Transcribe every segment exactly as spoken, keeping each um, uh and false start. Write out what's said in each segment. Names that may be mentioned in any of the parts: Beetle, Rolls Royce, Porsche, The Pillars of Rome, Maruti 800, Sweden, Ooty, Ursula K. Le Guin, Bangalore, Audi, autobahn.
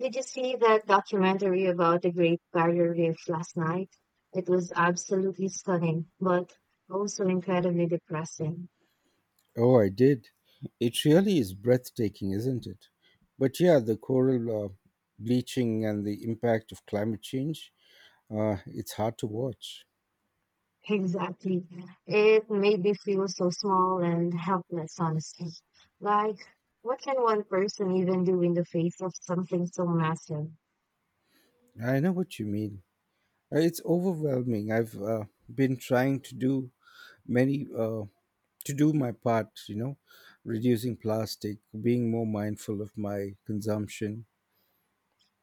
Did you see that documentary about the Great Barrier Reef last night? It was absolutely stunning, but also incredibly depressing. Oh, I did. It really is breathtaking, isn't it? But yeah, the coral uh, bleaching and the impact of climate change, uh, it's hard to watch. Exactly. It made me feel so small and helpless, honestly. Like, what can one person even do in the face of something so massive? I know what you mean. Uh, It's overwhelming. I've uh, been trying to do many uh, to do my part, you know, reducing plastic, being more mindful of my consumption.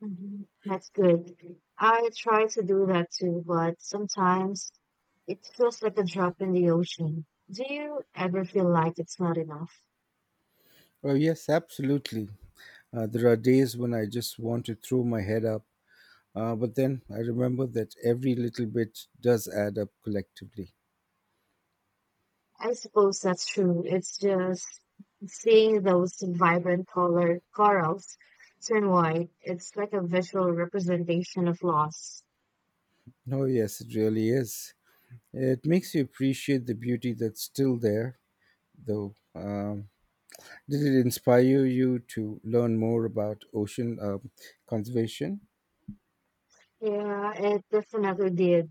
Mhm. That's good. I try to do that too, but sometimes it feels like a drop in the ocean. Do you ever feel like it's not enough? Oh, yes, absolutely. Uh, there are days when I just want to throw my head up. Uh, but then I remember that every little bit does add up collectively. I suppose that's true. It's just seeing those vibrant colored corals turn white. It's like a visual representation of loss. Oh, yes, it really is. It makes you appreciate the beauty that's still there, though. Um, did it inspire you to learn more about ocean um conservation? Yeah, it definitely did.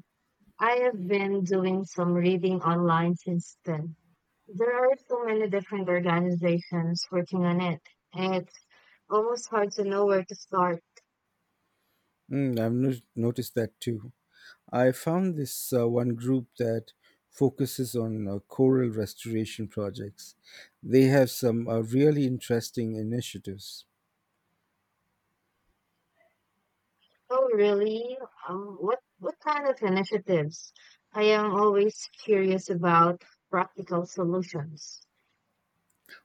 I have been doing some reading online since then. There are so many different organizations working on it, and it's almost hard to know where to start. Mm, I've no- noticed that too. I found this uh, one group that focuses on uh, coral restoration projects. They have some uh, really interesting initiatives. Oh, really? Um, what what kind of initiatives? I am always curious about practical solutions.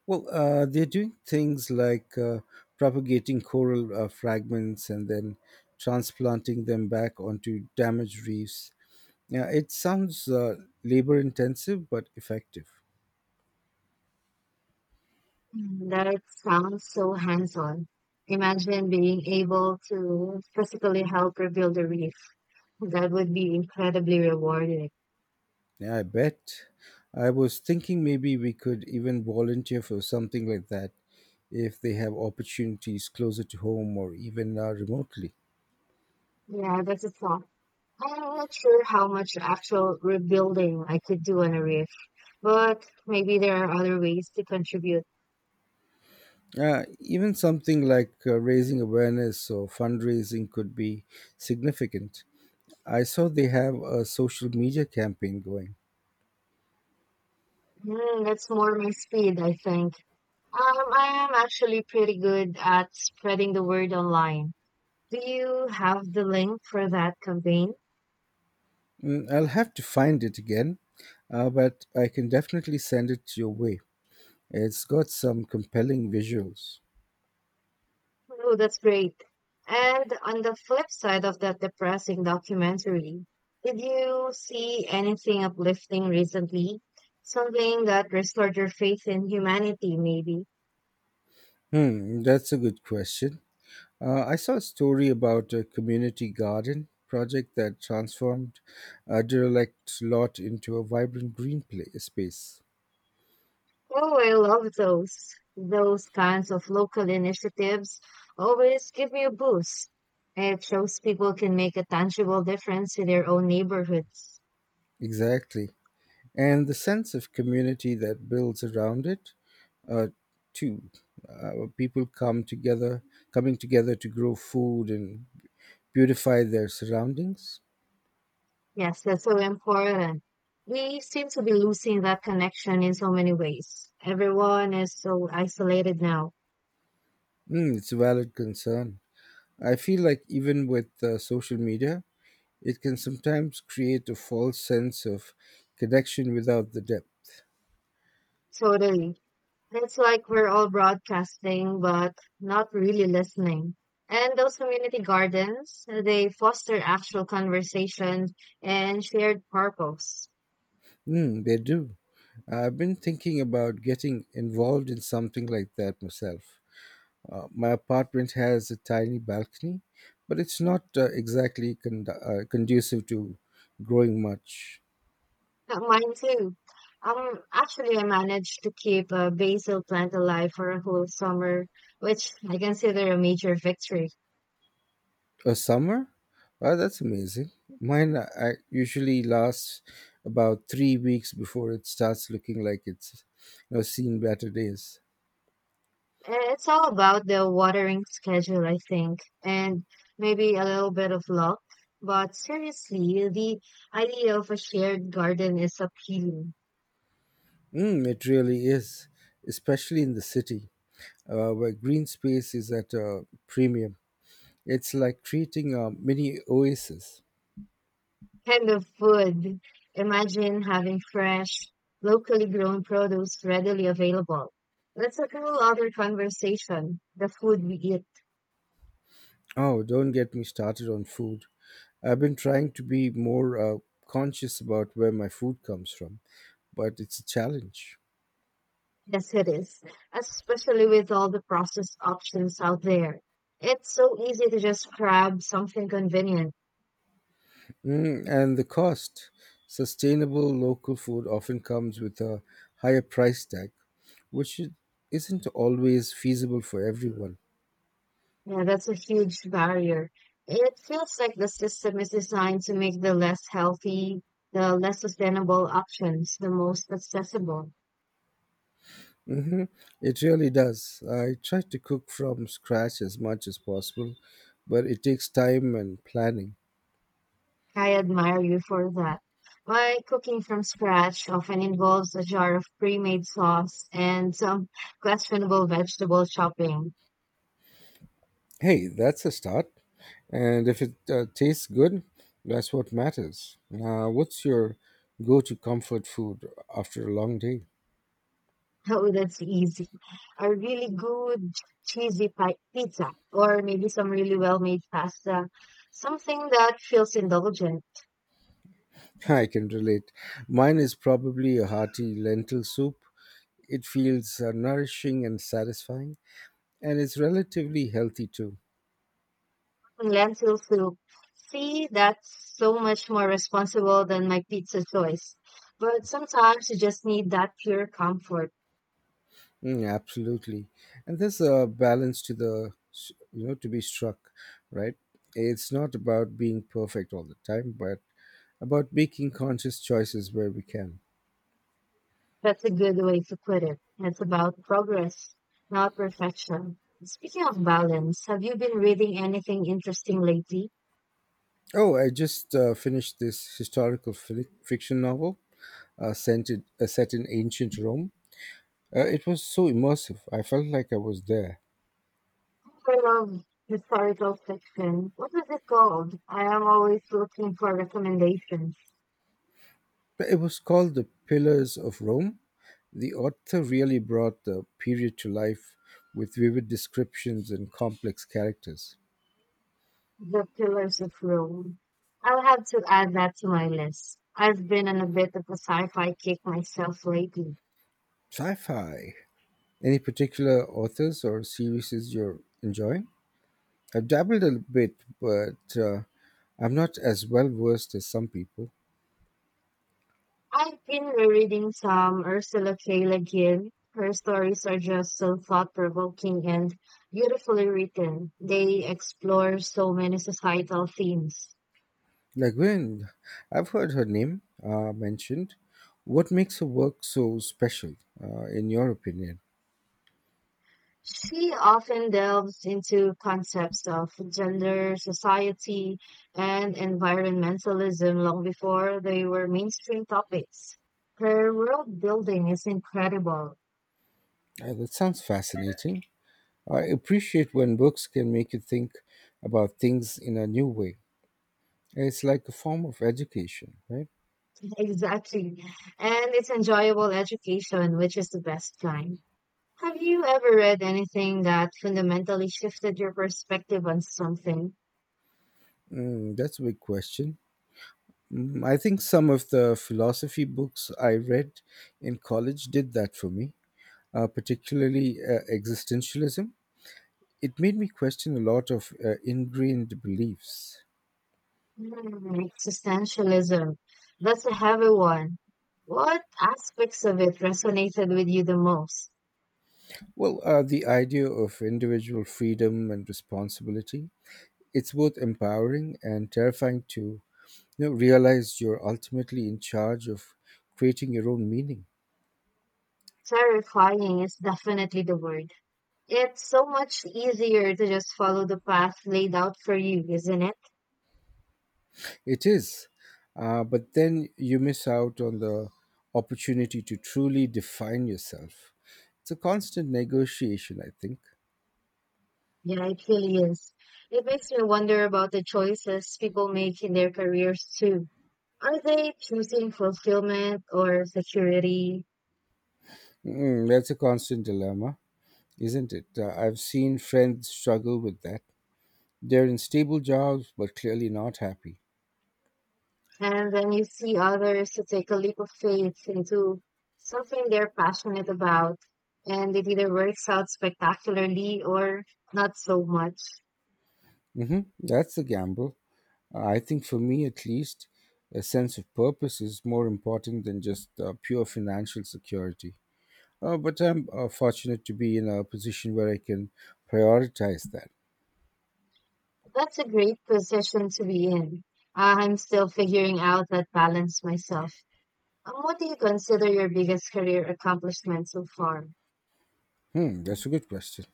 Well, uh, they're doing things like uh, propagating coral uh, fragments and then transplanting them back onto damaged reefs. Yeah, it sounds uh, labor intensive but effective. Mm, that sounds so hands-on. Imagine being able to physically help rebuild the reef. That would be incredibly rewarding. Yeah, I bet. I was thinking maybe we could even volunteer for something like that if they have opportunities closer to home or even uh, remotely. Yeah, that's a thought. I'm not sure how much actual rebuilding I could do on a reef, but maybe there are other ways to contribute. Uh, even something like uh, raising awareness or fundraising could be significant. I saw they have a social media campaign going. Mm, that's more my speed, I think. Um, I am actually pretty good at spreading the word online. Do you have the link for that campaign? Mm, I'll have to find it again, uh, but I can definitely send it your way. It's got some compelling visuals. Oh, that's great. And on the flip side of that depressing documentary, did you see anything uplifting recently? Something that restored your faith in humanity, maybe? Hmm, that's a good question. Uh, I saw a story about a community garden project that transformed a derelict lot into a vibrant green play space. Oh, I love those. Those kinds of local initiatives always give me a boost. It shows people can make a tangible difference in their own neighborhoods. Exactly, and the sense of community that builds around it uh, too. Uh, People come together, coming together to grow food and beautify their surroundings. Yes, that's so important. We seem to be losing that connection in so many ways. Everyone is so isolated now. Mm, it's a valid concern. I feel like even with uh, social media, it can sometimes create a false sense of connection without the depth. Totally. It's like we're all broadcasting, but not really listening. And those community gardens, they foster actual conversations and shared purpose. Mm, they do. I've been thinking about getting involved in something like that myself. Uh, my apartment has a tiny balcony, but it's not uh, exactly con- uh, conducive to growing much. Uh, Mine too. Um, actually, I managed to keep a basil plant alive for a whole summer, which I consider a major victory. A summer? Wow, that's amazing. Mine uh, I usually lasts about three weeks before it starts looking like it's you know, seen better days. It's all about the watering schedule, I think, and maybe a little bit of luck. But seriously, the idea of a shared garden is appealing. Mm, it really is, especially in the city uh, where green space is at a premium. It's like creating a mini oasis. And the food. Imagine having fresh, locally grown produce readily available. That's a whole other conversation, the food we eat. Oh, don't get me started on food. I've been trying to be more uh, conscious about where my food comes from, but it's a challenge. Yes, it is, especially with all the processed options out there. It's so easy to just grab something convenient. Mm, and the cost. Sustainable local food often comes with a higher price tag, which i- isn't always feasible for everyone. Yeah, that's a huge barrier. It feels like the system is designed to make the less healthy, the less sustainable options the most accessible. Hmm. It really does. I try to cook from scratch as much as possible, but it takes time and planning. I admire you for that. My cooking from scratch often involves a jar of pre-made sauce and some questionable vegetable chopping. Hey, that's a start. And if it uh, tastes good, that's what matters. Now, what's your go to comfort food after a long day? Oh, that's easy. A really good cheesy pi- pizza or maybe some really well-made pasta. Something that feels indulgent I can relate. Mine is probably a hearty lentil soup. It feels uh, nourishing and satisfying, and it's relatively healthy too. and lentil soup. See, that's so much more responsible than my pizza choice. But sometimes you just need that pure comfort. Mm, yeah, absolutely, and there's a balance to the s- you know to be struck, right? It's not about being perfect all the time, but about making conscious choices where we can. That's a good way to put it. It's about progress, not perfection. Speaking of balance, have you been reading anything interesting lately? Oh, I just uh, finished this historical fi- fiction novel uh, sent in, uh, set in ancient Rome. Uh, it was so immersive. I felt like I was there. I love historical fiction. What was it called? I am always looking for recommendations. It was called The Pillars of Rome. The author really brought the period to life with vivid descriptions and complex characters. The Pillars of Rome. I'll have to add that to my list. I've been on a bit of a sci-fi kick myself lately. Sci-fi. Any particular authors or series you're enjoying? I've dabbled a bit, but uh, I'm not as well versed as some people. I've been rereading some Ursula K. Le Guin. Her stories are just so thought-provoking and beautifully written. They explore so many societal themes. Like when I've heard her name uh, mentioned, what makes her work so special, uh, in your opinion? She often delves into concepts of gender, society, and environmentalism long before they were mainstream topics. Her world building is incredible. Uh, that sounds fascinating. I appreciate when books can make you think about things in a new way. It's like a form of education, right? Exactly. And it's enjoyable education, which is the best kind. Have you ever read anything that fundamentally shifted your perspective on something? Mm, that's a big question. Mm, I think some of the philosophy books I read in college did that for me, uh, particularly uh, existentialism. It made me question a lot of uh, ingrained beliefs. Mm, existentialism. That's a heavy one. What aspects of it resonated with you the most? Well, uh, the idea of individual freedom and responsibility, it's both empowering and terrifying to you know, realize you're ultimately in charge of creating your own meaning. Terrifying is definitely the word. It's so much easier to just follow the path laid out for you, isn't it? It is. Uh, but then you miss out on the opportunity to truly define yourself. It's a constant negotiation, I think. Yeah, it really is. It makes me wonder about the choices people make in their careers too. Are they choosing fulfillment or security? Mm, that's a constant dilemma, isn't it? Uh, I've seen friends struggle with that. They're in stable jobs, but clearly not happy. And then you see others to take a leap of faith into something they're passionate about, and it either works out spectacularly or not so much. Hmm. That's the gamble. Uh, I think for me, at least, a sense of purpose is more important than just uh, pure financial security. Uh, but I'm uh, fortunate to be in a position where I can prioritize that. That's a great position to be in. Uh, I'm still figuring out that balance myself. Um, What do you consider your biggest career accomplishment so far? Hmm, that's a good question.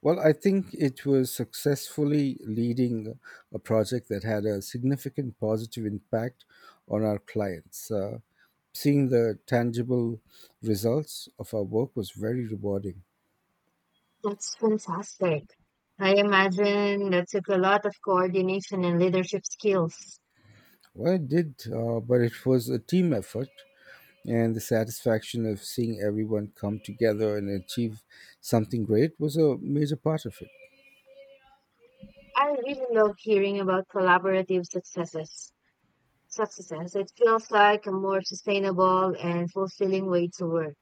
Well, I think it was successfully leading a project that had a significant positive impact on our clients. Uh, seeing the tangible results of our work was very rewarding. That's fantastic. I imagine that took a lot of coordination and leadership skills. Well, it did, uh, but it was a team effort, and the satisfaction of seeing everyone come together and achieve something great was a major part of it. I really love hearing about collaborative successes. Success. It feels like a more sustainable and fulfilling way to work.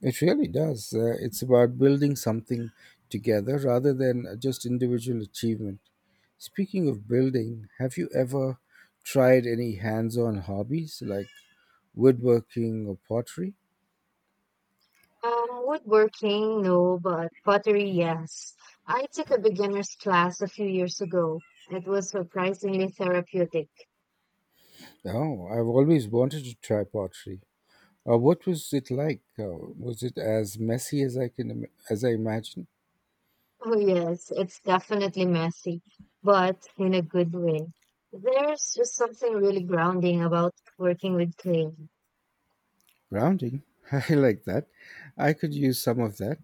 It really does. Uh, it's about building something together rather than just individual achievement. Speaking of building, have you ever tried any hands on hobbies like woodworking or pottery? Um, woodworking, no, but pottery, yes. I took a beginner's class a few years ago. It was surprisingly therapeutic. Oh, I've always wanted to try pottery. Uh, what was it like? Uh, was it as messy as I can im- as I imagine? Oh, yes, it's definitely messy, but in a good way. There's just something really grounding about working with clay. Grounding. I like that. I could use some of that.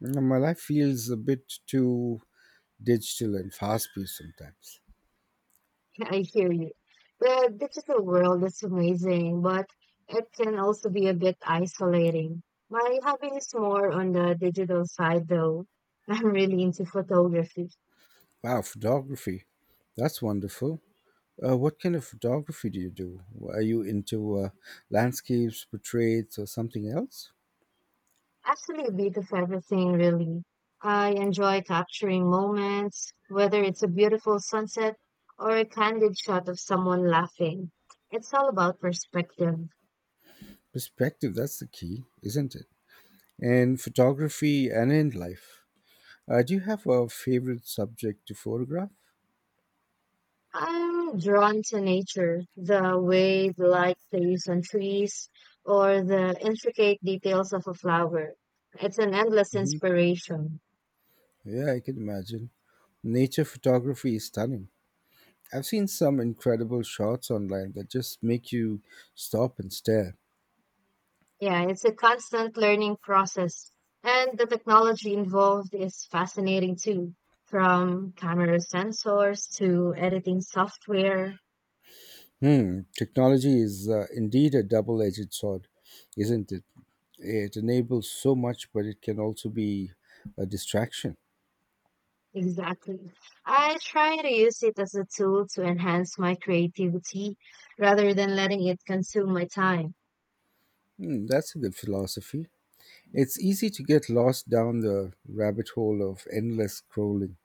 Mm, my life feels a bit too digital and fast paced sometimes. I hear you. The digital world is amazing, but it can also be a bit isolating. My hobby is more on the digital side, though. I'm really into photography. Wow, photography. That's wonderful. Uh, what kind of photography do you do? Are you into uh, landscapes, portraits, or something else? Actually, a bit of everything, really. I enjoy capturing moments, whether it's a beautiful sunset or a candid shot of someone laughing. It's all about perspective. Perspective, that's the key, isn't it? In photography and in life. Uh, do you have a favorite subject to photograph? I'm drawn to nature, the way the light plays on trees or the intricate details of a flower. It's an endless Hmm. inspiration. Yeah, I can imagine. Nature photography is stunning. I've seen some incredible shots online that just make you stop and stare. Yeah, it's a constant learning process. And the technology involved is fascinating too, from camera sensors to editing software. Hmm, technology is uh, indeed a double edged sword, isn't it? It enables so much, but it can also be a distraction. Exactly. I try to use it as a tool to enhance my creativity rather than letting it consume my time. Hmm, that's a good philosophy. It's easy to get lost down the rabbit hole of endless scrolling.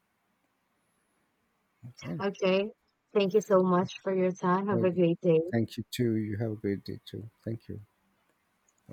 Right. Okay. Thank you so much for your time. Have Uh, a great day. Thank you, too. You have a great day, too. Thank you.